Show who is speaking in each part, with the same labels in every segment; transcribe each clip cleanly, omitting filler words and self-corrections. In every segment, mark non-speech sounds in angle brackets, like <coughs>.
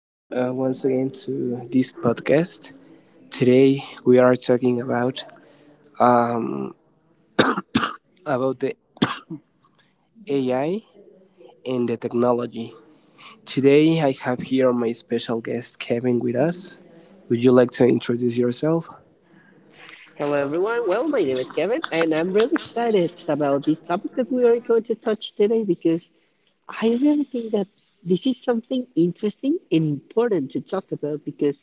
Speaker 1: t once again to this podcast. Today we are talking about the AI and the technology. Today I have here my special guest Kevin with us. Would you like to introduce yourself?
Speaker 2: Hello, everyone. Well, my name is Kevin, and I'm really excited about this topic that we are going to touch today because I really think that this is something interesting and important to talk about because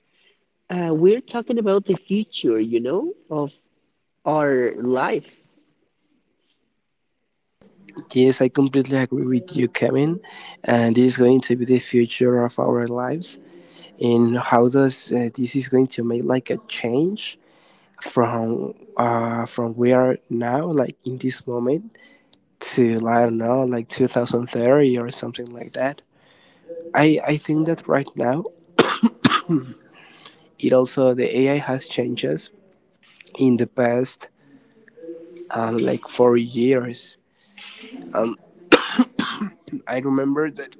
Speaker 2: we're talking about the future, of our life.
Speaker 1: Yes, I completely agree with you, Kevin. And this is going to be the future of our lives. And how does this is going to make like a change from we are now, like in this moment, to I don't know like 2030 or something like that. I think that right now it also the AI has changes in the past, like 4 years. I remember that.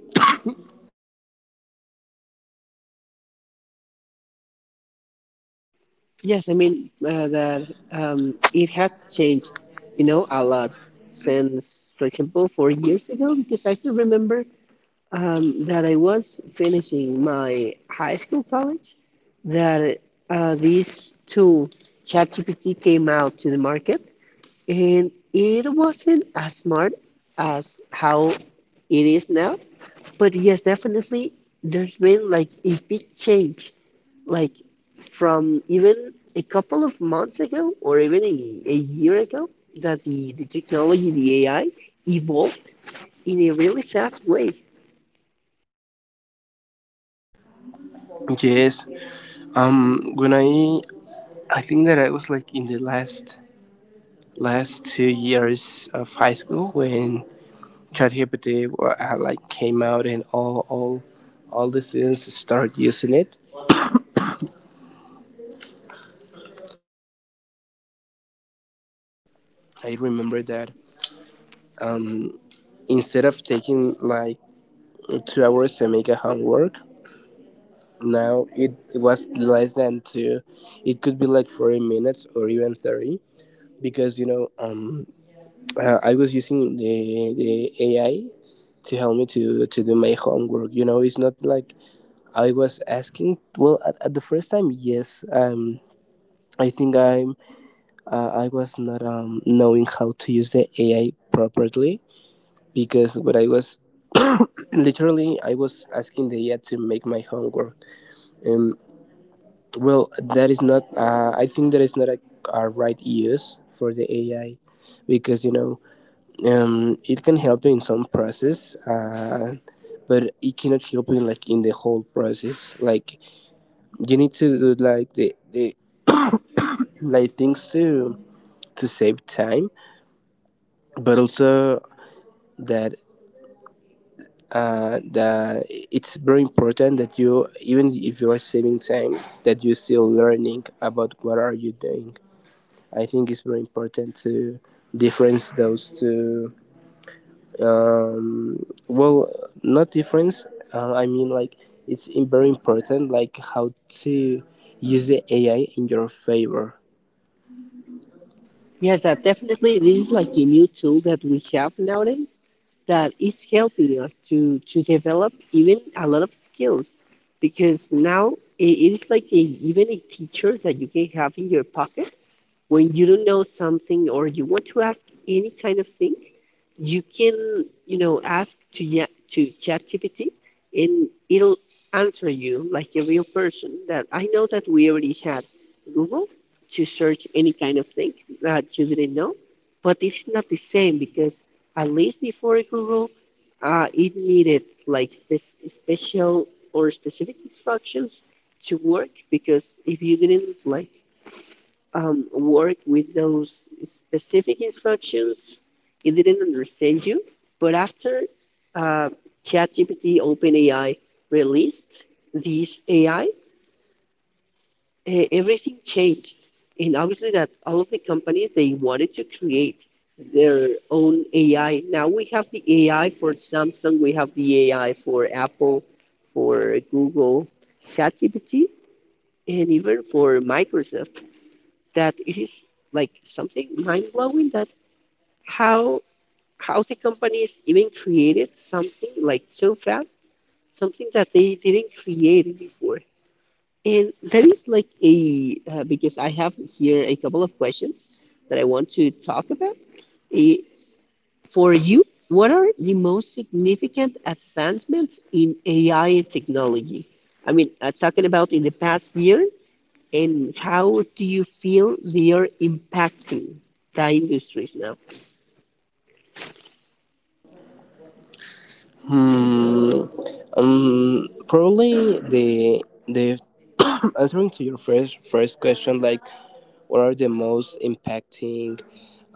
Speaker 2: Yes, I mean that it has changed, you know, a lot since, for example, 4 years ago because I still remember that I was finishing my high school college, that this tool, ChatGPT, came out to the market, and it wasn't as smart as how it is now. But yes, definitely, there's been like a big change, like from even a couple of months ago or even a year ago, that the technology, the AI, evolved in a really fast way.
Speaker 1: Yes. When I think that I was like in the last 2 years of high school when ChatGPT like came out and all the students started using it. I remember that instead of taking like 2 hours to make a homework, now it was less than two. It could be like 40 minutes or even 30, because you know. I was using the AI to help me to do my homework. You know, it's not like I was asking. Well, at the first time, yes. I think I'm I was not knowing how to use the AI properly, because what I was <coughs> literally I was asking the AI to make my homework and. Well, that is not. I think that is not a, a right use for the AI, because you know, it can help you in some process, but it cannot help you in, like in the whole process. Like you need to do like the <coughs> like things to save time, but also that that it's very important that you, even if you are saving time, that you're still learning about what are you doing. I think it's very important to difference those two. Well, not difference. I mean, like it's very important, like how to use the AI in your favor.
Speaker 2: Yes, that definitely this is like a new tool that we have nowadays that is helping us to develop even a lot of skills because now it is like a, even a teacher that you can have in your pocket when you don't know something or you want to ask any kind of thing, you can, you know, ask to to ChatGPT and it'll answer you like a real person. That I know that we already had Google to search any kind of thing that you didn't know, but it's not the same because at least before Google, it needed like special or specific instructions to work because if you didn't like work with those specific instructions. It didn't understand you, but after uh, ChatGPT OpenAI released this AI, everything changed. And obviously, that all of the companies they wanted to create their own AI. Now we have the AI for Samsung, we have the AI for Apple, for Google, ChatGPT, and even for Microsoft that it is like something mind blowing that how how the companies even created something like so fast, something that they didn't create before. And that is like a because I have here a couple of questions that I want to talk about. Eh, for you, what are the most significant advancements in AI and technology? I mean, talking about in the past year and how do you feel they are impacting the industries now?
Speaker 1: Probably the <coughs> answering to your first question, like what are the most impacting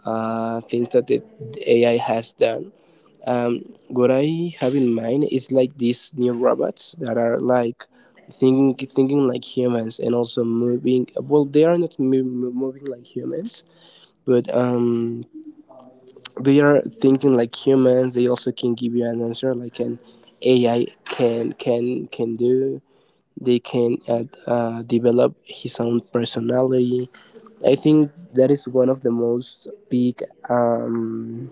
Speaker 1: things that the AI has done? What I have in mind is like these new robots that are like thinking like humans and also moving. Well, they are not moving like humans, but they are thinking like humans. They also can give you an answer like an AI can do. They can develop his own personality. I think that is one of the most big um,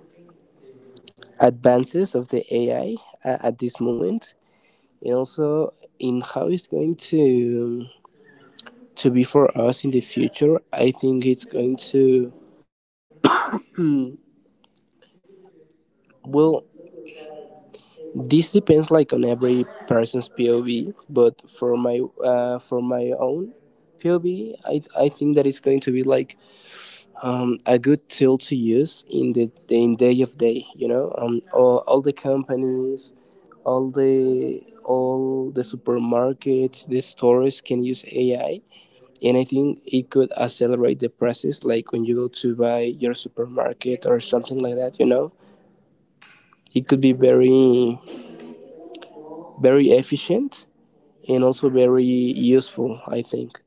Speaker 1: advances of the AI at this moment, and also in how it's going to be for us in the future. I think it's going to, well, this depends like on every person's POV, but for my own POV, I think that it's going to be like, a good tool to use in the in day of day, you know. All the companies, all the supermarkets, the stores, can use AI, and I think it could accelerate the process. Like when you go to buy your supermarket or something like that, you know, it could be very, very efficient and also very useful, I think.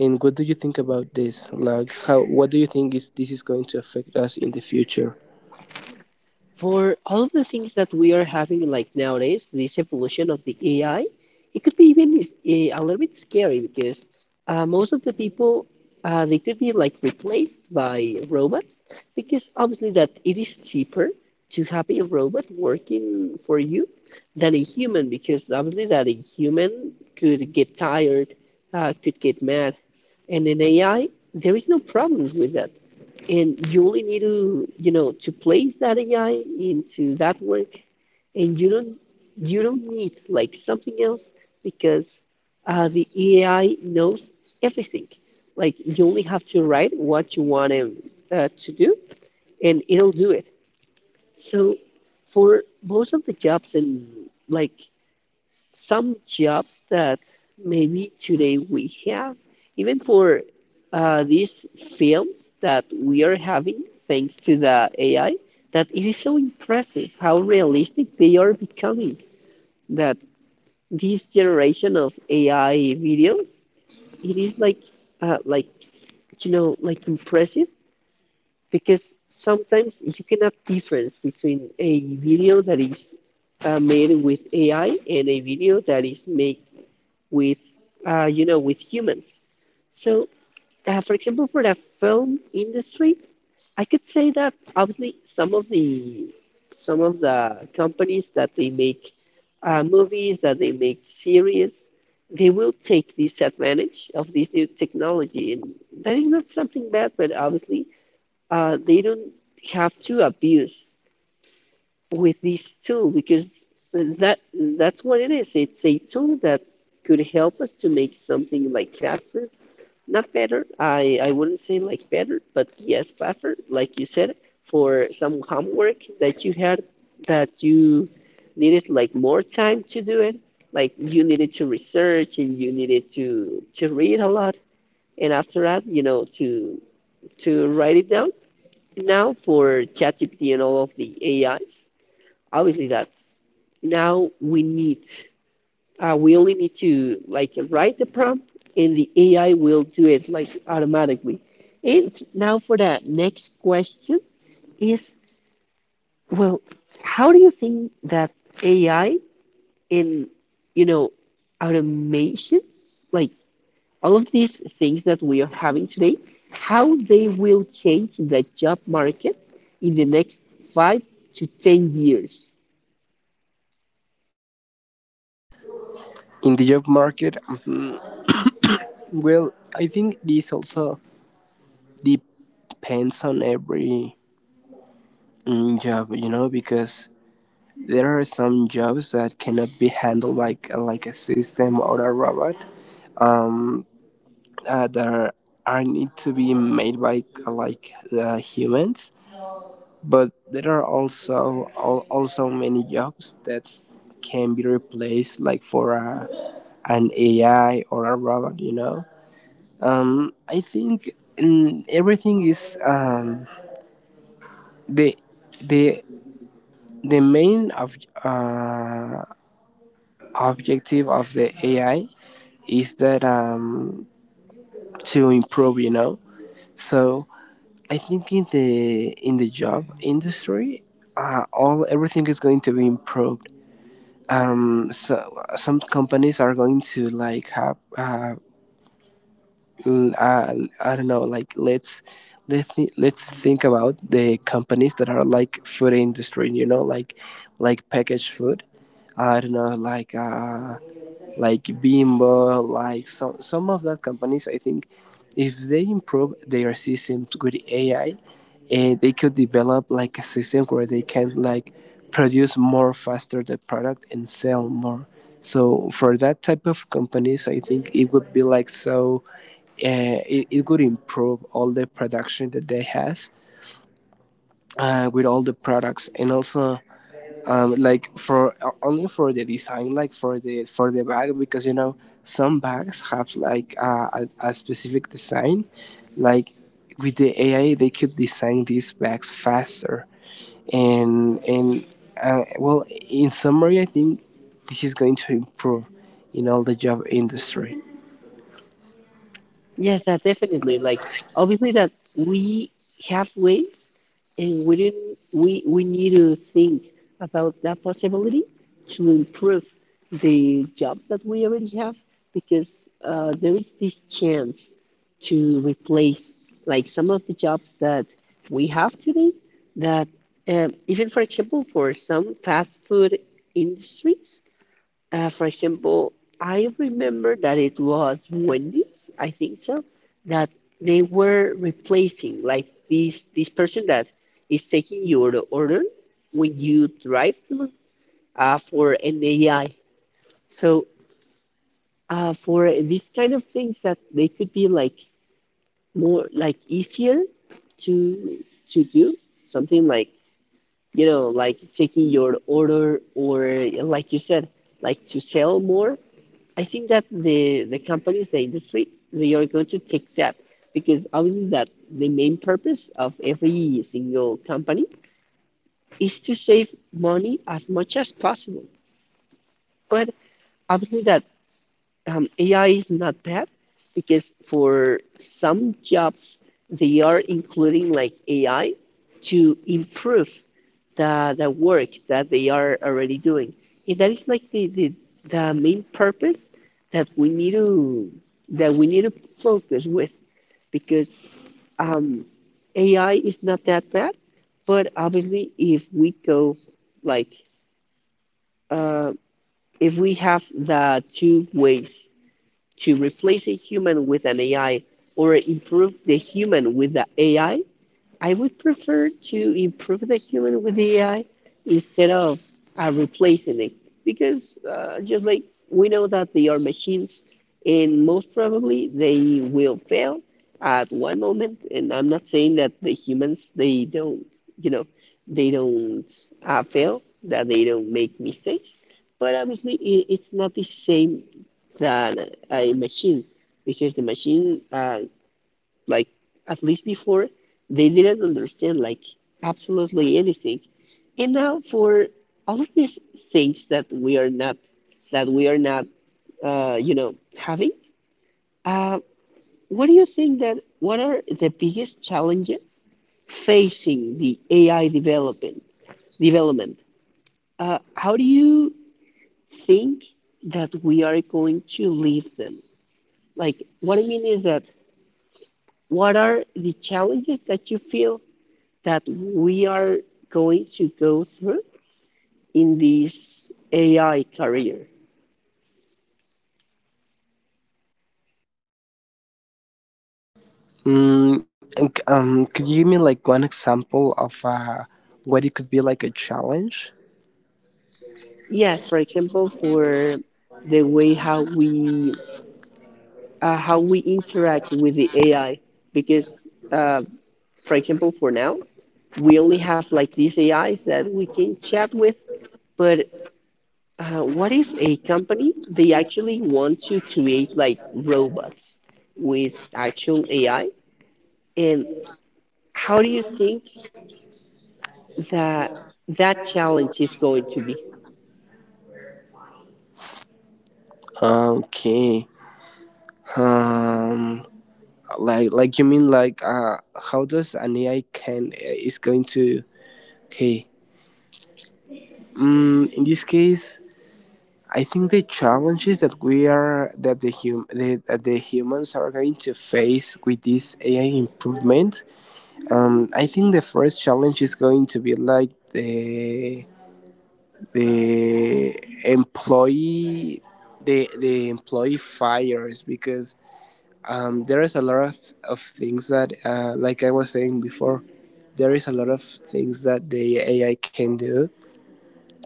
Speaker 1: And what do you think about this? Like, how? What do you think is this is going to affect us in the future
Speaker 2: For all of the things that we are having like nowadays, this evolution of the AI, it could be even a little bit scary because most of the people they could be like replaced by robots because obviously that it is cheaper to have a robot working for you than a human because obviously that a human could get tired, could get mad, and in AI there is no problems with that and you only need to you know to place that AI into that work and you don't need like something else because the AI knows everything like you only have to write what you want him to do and it'll do it so for most of the jobs in like some jobs that maybe today we have, even for these films that we are having thanks to the AI, that it is so impressive how realistic they are becoming. That this generation of AI videos, it is like you know, like impressive because sometimes you cannot difference between a video that is made with AI and a video that is made with you know with humans so for example for the film industry I could say that obviously some of the companies that they make movies that they make series they will take this advantage of this new technology and that is not something bad but obviously they don't have to abuse with this tool because that that's what it is. It's a tool that could help us to make something like faster, not better. I wouldn't say like better, but yes, faster. Like you said, for some homework that you had that you needed like more time to do it. Like you needed to research and you needed to read a lot, and after that, you know, to write it down. Now for ChatGPT and all of the AIs obviously that's now we need we only need to like write the prompt and the AI will do it like automatically. And now for the next question is well, how do you think that AI in you know automation, like all of these things that we are having today, how they will change the job market in the next 5 to 10 years?
Speaker 1: in the job market? Mhm. Well, I think this also depends on every job, you know, because there are some jobs that cannot be handled like a system or a robot, um that are, need to be made by like the humans, but there are also also many jobs that can be replaced like for a, an AI or a robot, you know. I think, everything is the the the main of uh, objective of the AI is that, to improve, you know. So I think in the job industry, all everything is going to be improved. So some companies are going to like l- uh, I don't know, like let's let's think about the companies that are like food industry, you know, like packaged food. I don't know, like. Like Bimbo, like some of that companies. I think if they improve their systems with AI, eh, they could develop like a system where they can like produce more faster the product and sell more. So for that type of companies, I think it would be like so. It would improve all the production that they has with all the products, and also like for only for the design, like for the bag, because you know some bags have like a specific design, like, with the AI they could design these bags faster and well, in summary, I think this is going to improve in all the job industry.
Speaker 2: Yes, that definitely. Like obviously that we have ways and we didn't we need to think about that possibility to improve the jobs that we already have because there is this chance to replace like some of the jobs that we have today that even for example for some fast food industries for example, I remember that it was Wendy's, I think so, that they were replacing like this person that is taking your order when you drive through for an AI. So for these kind of things that they could be like more like easier to to do something like you know like taking your order or like you said like to sell more I think that the companies, the industry, they are going to take that because obviously that the main purpose of every single company is to save money as much as possible. But obviously that AI is not bad because for some jobs they are including like AI to improve the work that they are already doing. And that is like the main purpose that we need to that we need to focus with because um, AI is not that bad, but obviously if we go like uh, if we have the two ways to replace a human with an AI or improve the human with the AI I would prefer to improve the human with the AI instead of replacing it. Because just like we know that they are machines, and most probably they will fail at one moment. And I'm not saying that the humans, they don't, you know, they don't fail, that they don't make mistakes. But obviously, I it's not the same than a machine because the machine like at least before they didn't understand like absolutely anything and now for all of these things that we are not that we are not you know having uh, what do you think that what are the biggest challenges facing the ai development how do you think that we are going to leave them like what I mean is that what are the challenges that you feel that we are going to go through in this AI career.
Speaker 1: Could you give me like one example of what it could be like a challenge?
Speaker 2: Yes, for example, for the way how we interact with the AI, because uh, for example, for now we only have like these AIs that we can chat with, but what if a company they actually want to create like robots with actual AI? And how do you think that that challenge is going to be.
Speaker 1: Okay. Um, like you mean like how does an ai can is going to, okay. In this case, I think the challenges that we are that that the humans are going to face with this AI improvement, I think the first challenge is going to be like the employee, the employee fires, because there is a lot of things that like I was saying before, there is a lot of things that the AI can do,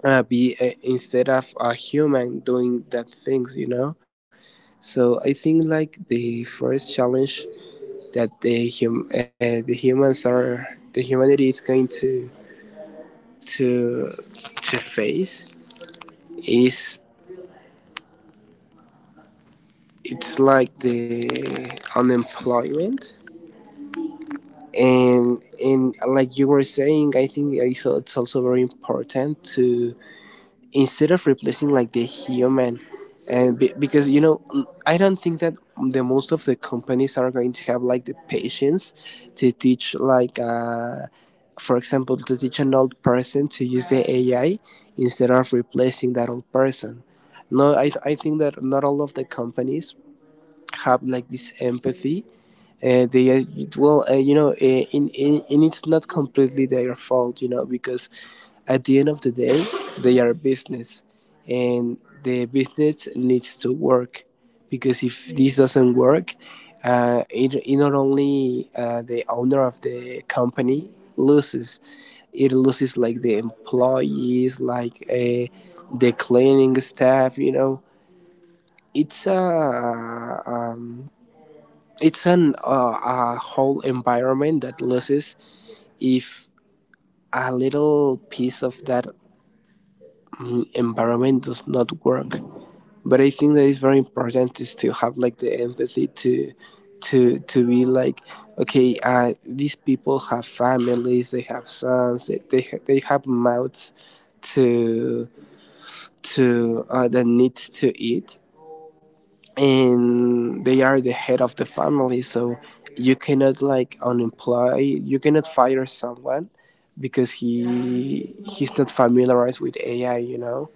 Speaker 1: be instead of a human doing that things, you know. So I think like the first challenge that the hum the humans are the humanity is going to to face is, it's like the unemployment. And like you were saying, I think it's also very important to, instead of replacing like the human and be, because you know, I don't think that the most of the companies are going to have like the patience to teach like for example, to teach an old person to use the AI instead of replacing that old person. No I, th- I think that not all of the companies have like this empathy. Uh, they it- well you know in And it's not completely their fault, you know, because at the end of the day they are a business, and the business needs to work, because if this doesn't work, it not only, the owner of the company loses, it loses like the employees, like, the cleaning staff, you know. It's a, it's an, a whole environment that loses if a little piece of that environment does not work. But I think that it's very important, is to still have like the empathy to to be like, okay, these people have families, they have sons, they have mouths to, that needs to eat, and they are the head of the family. So you cannot like unemploy, you cannot fire someone because he's not familiarized with AI, you know.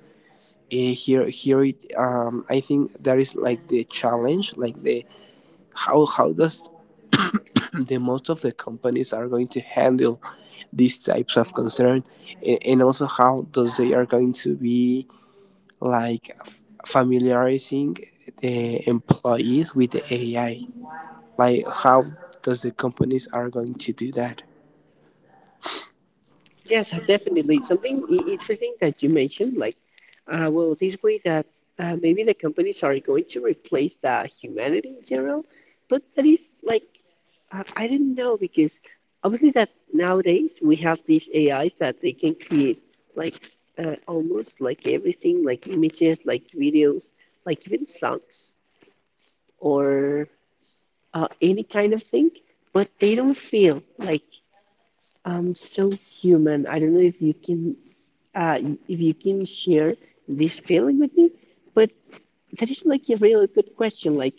Speaker 1: Here it, I think that is like the challenge, like the, how does <clears throat> the most of the companies are going to handle these types of concern, and also how does they are going to be like familiarizing the employees with the AI, like how does the companies are going to do that.
Speaker 2: Yes, definitely. Something interesting that you mentioned, like, well, this way that maybe the companies are going to replace the humanity in general, but that is like, I didn't know because obviously that nowadays we have these AIs that they can create like almost like everything, like images, like videos, like even songs or any kind of thing, but they don't feel like so human. I don't know uh, if you can share this feeling with me, but that is like a really good question. Like,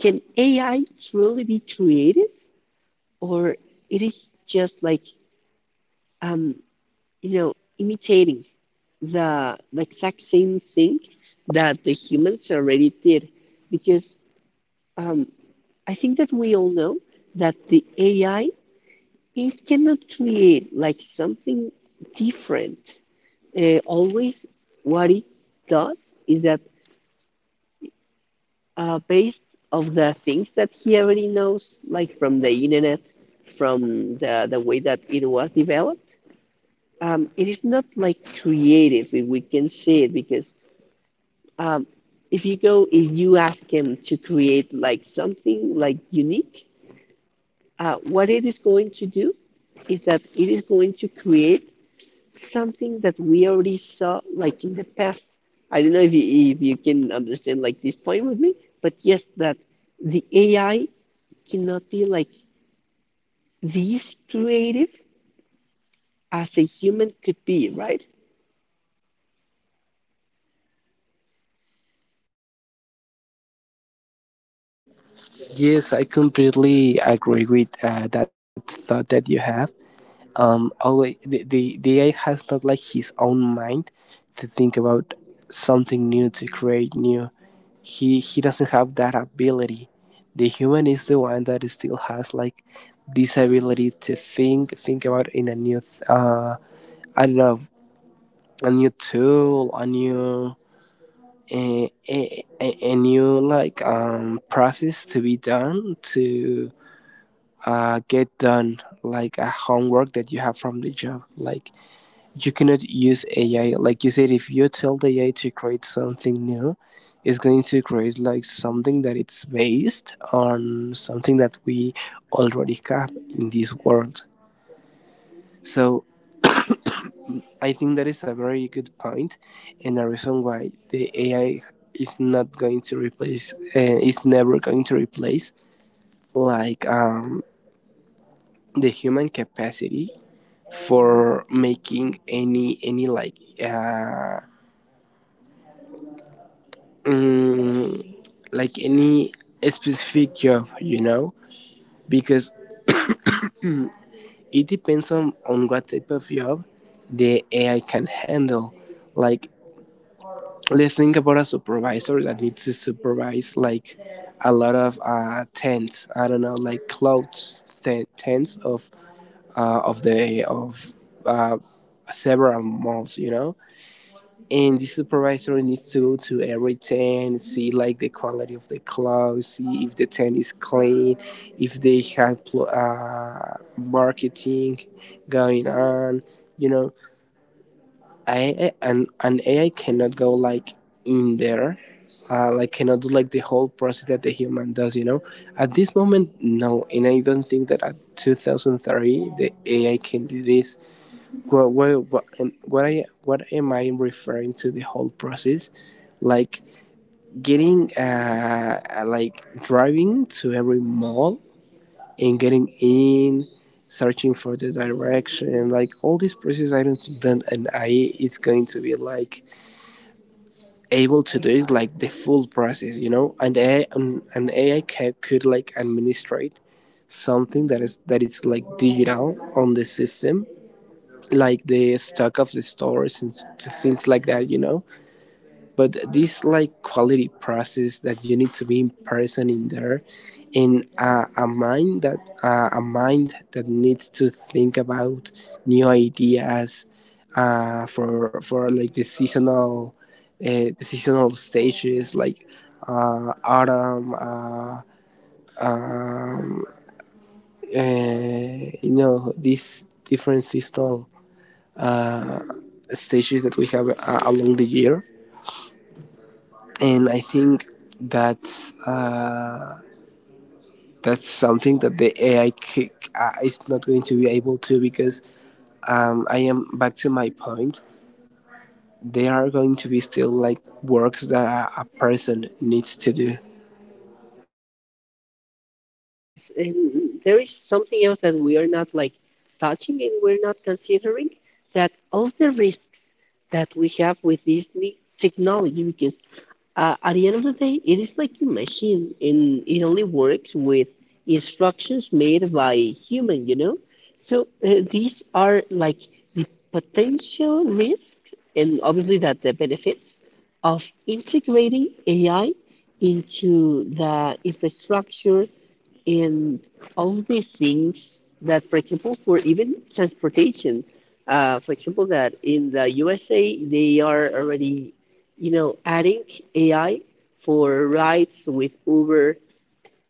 Speaker 2: can AI truly be creative, or it is just like, um, you know, imitating the exact same thing that the humans already did? Because um, I think that we all know that the AI you cannot create like something different. Always, what it does is that based of the things that he already knows, like from the internet, from the way that it was developed, it is not like creative if we can say it because um, if you go if you ask him to create like something like unique, what it is going to do is that it is going to create something that we already saw like in the past. I don't know if you can understand like this point with me, but yes, that the AI cannot be like this creative as a human could be, right?
Speaker 1: Yes, I completely agree with that thought that you have. Always, the AI has not like his own mind to think about something new, to create new. He doesn't have that ability. The human is the one that still has like this ability to think about in a new th- I don't know, a new tool, a new, a new like process to be done, to get done like a homework that you have from the job. Like, you cannot use AI, like you said, if you tell the AI to create something new, it's going to create like something that it's based on something that we already have in this world. So I think that is a very good point, and a reason why the AI is not going to replace is never going to replace like, the human capacity for making any like uh, like any specific job, you know, because it depends on what type of job the AI can handle. Like, let's think about a supervisor that needs to supervise like a lot of tents. I don't know, like clothes tents of the of uh, several malls, you know. And the supervisor needs to go to every tent, see like the quality of the clothes, see if the tent is clean, if they have marketing going on, you know AI and an AI cannot go like in there, like cannot do like the whole process that the human does. You know, at this moment, no, and I don't think that at 2030 the AI can do this. And what am I referring to the whole process? Like getting like driving to every mall and getting in, searching for the direction, like all these process. I don't think that an AI is going to be like able to do it, like the full process. You know, and an AI could like administrate something that is, that it's like digital on the system, like the stock of the stores and things like that, you know. But this like quality process that you need to be in person in there, in a mind that needs to think about new ideas for like the seasonal, the seasonal stages like autumn, um, you know, these different seasonal stages that we have along the year. And I think that, uh, that's something that the AI is not going to be able to, because I am back to my point. There are going to be still like works that a person needs to do.
Speaker 2: Yes, and there is something else that we are not like touching and we're not considering that all the risks that we have with this new technology, because at the end of the day, it is like a machine, and it only works with instructions made by human. So these are like the potential risks, and obviously that the benefits of integrating AI into the infrastructure and all of these things that, for example, for even transportation, for example, that in the USA they are already, adding AI for rides with Uber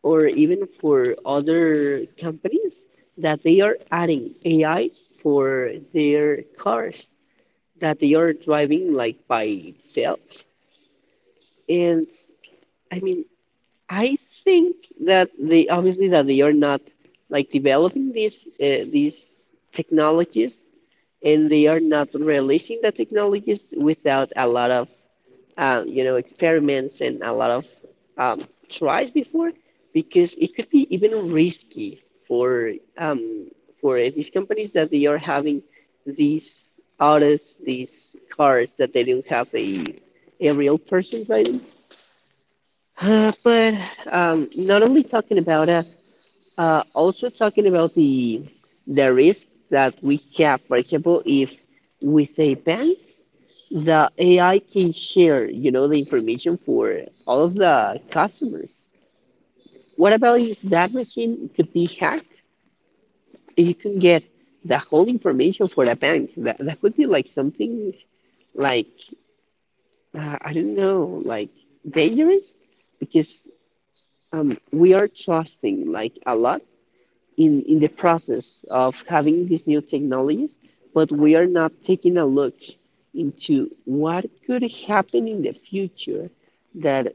Speaker 2: or even for other companies that they are adding AI for their cars that they are driving like by itself. And I mean, I think that they obviously that they are not like developing these technologies and they are not releasing the technologies without a lot of experiments and a lot of um, tries before because it could be even risky for um, for these companies that they are having these autos these cars that they don't have a real person driving but not only talking about it, also talking about the risk that we have. For example, if with a ban, the AI can share, the information for all of the customers. What about if that machine could be hacked? You can get the whole information for the bank. That could be like something like I don't know, like dangerous, because we are trusting like a lot in the process of having these new technologies, but we are not taking a look into what could happen in the future that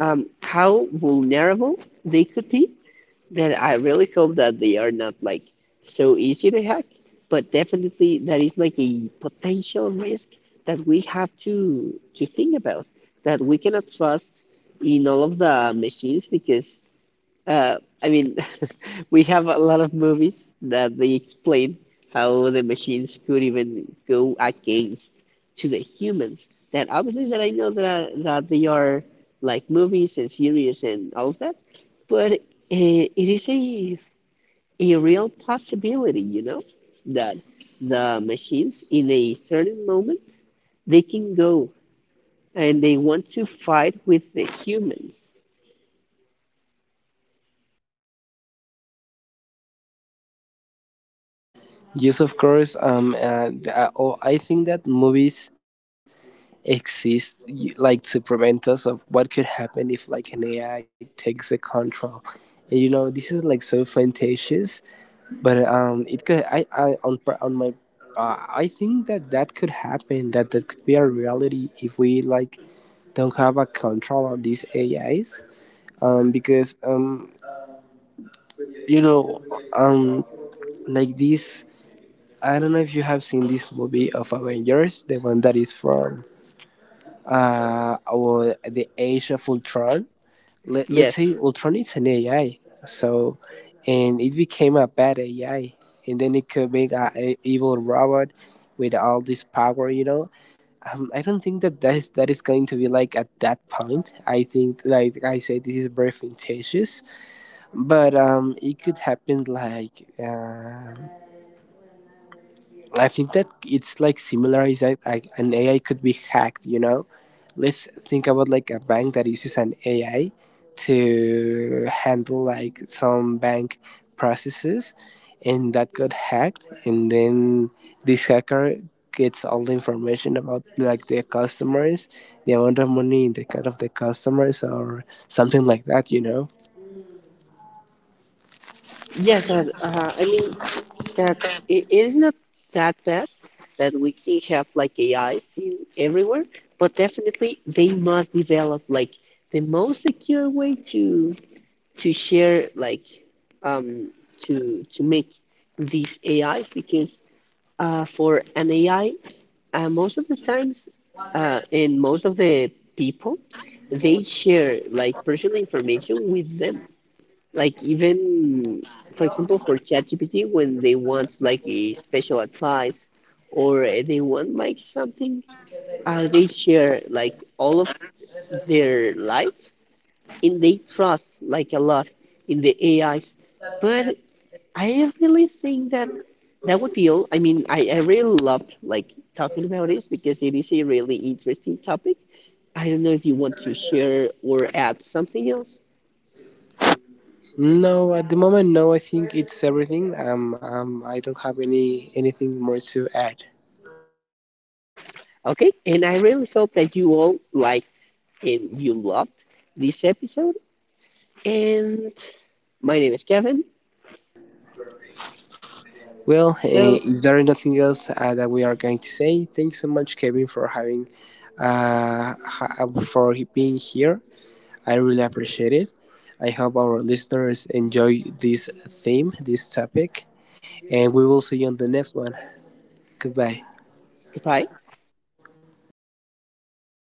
Speaker 2: how vulnerable they could be. That I really hope that they are not like so easy to hack, but definitely that is like a potential risk that we have to think about. That we cannot trust in all of the machines because uh, I mean <laughs> we have a lot of movies that they explain how the machines could even go against to the humans. That obviously that I know that they are like movies and series and all of that, but it is a real possibility, you know, that the machines in a certain moment they can go and they want to fight with the humans.
Speaker 1: Yes, of course. I think that movies exist like to prevent us of what could happen if like an AI takes the control. And you know, this is like so fantastic, but it could, I on on my, I think that that could happen, that that could be a reality if we like don't have a control on these AIs, because you know um like this. I don't know if you have seen this movie of Avengers, the one that is from, or The Age of Ultron. Let's
Speaker 2: Yes,
Speaker 1: say Ultron is an AI, so, and it became a bad AI, and then it could make a evil robot with all this power. You know, I don't think that that is going to be like at that point. I think, like I said, this is very fictitious, but it could happen, like. I think that it's like similar, is that like an AI could be hacked, you know? Let's think about like a bank that uses an AI to handle like some bank processes, and that got hacked, and then this hacker gets all the information about like the customers, the amount of money in the account of the customers, or something like that, you know?
Speaker 2: yes. That it is not that bad that we can have like AIs in everywhere, but definitely they must develop like the most secure way to share like um to make these AIs because for an AI, most of the times, and most of the people they share like personal information with them like even for example for ChatGPT when they want like a special advice or they want like something, they share like all of their life and they trust like a lot in the AIs. But I really think that that would be all. I really loved like talking about this because it is a really interesting topic. I don't know if you want to share or add something else.
Speaker 1: No, at the moment, no. I think it's everything. I don't have any anything more to add.
Speaker 2: Okay, and I really hope that you all liked and you loved this episode. And my name is Kevin.
Speaker 1: Well,
Speaker 2: So
Speaker 1: if there is nothing else that we are going to say, thanks so much, Kevin, for having for being here. I really appreciate it. I hope our listeners enjoy this theme, this topic, and we will see you on the next one. Goodbye.
Speaker 2: goodbye.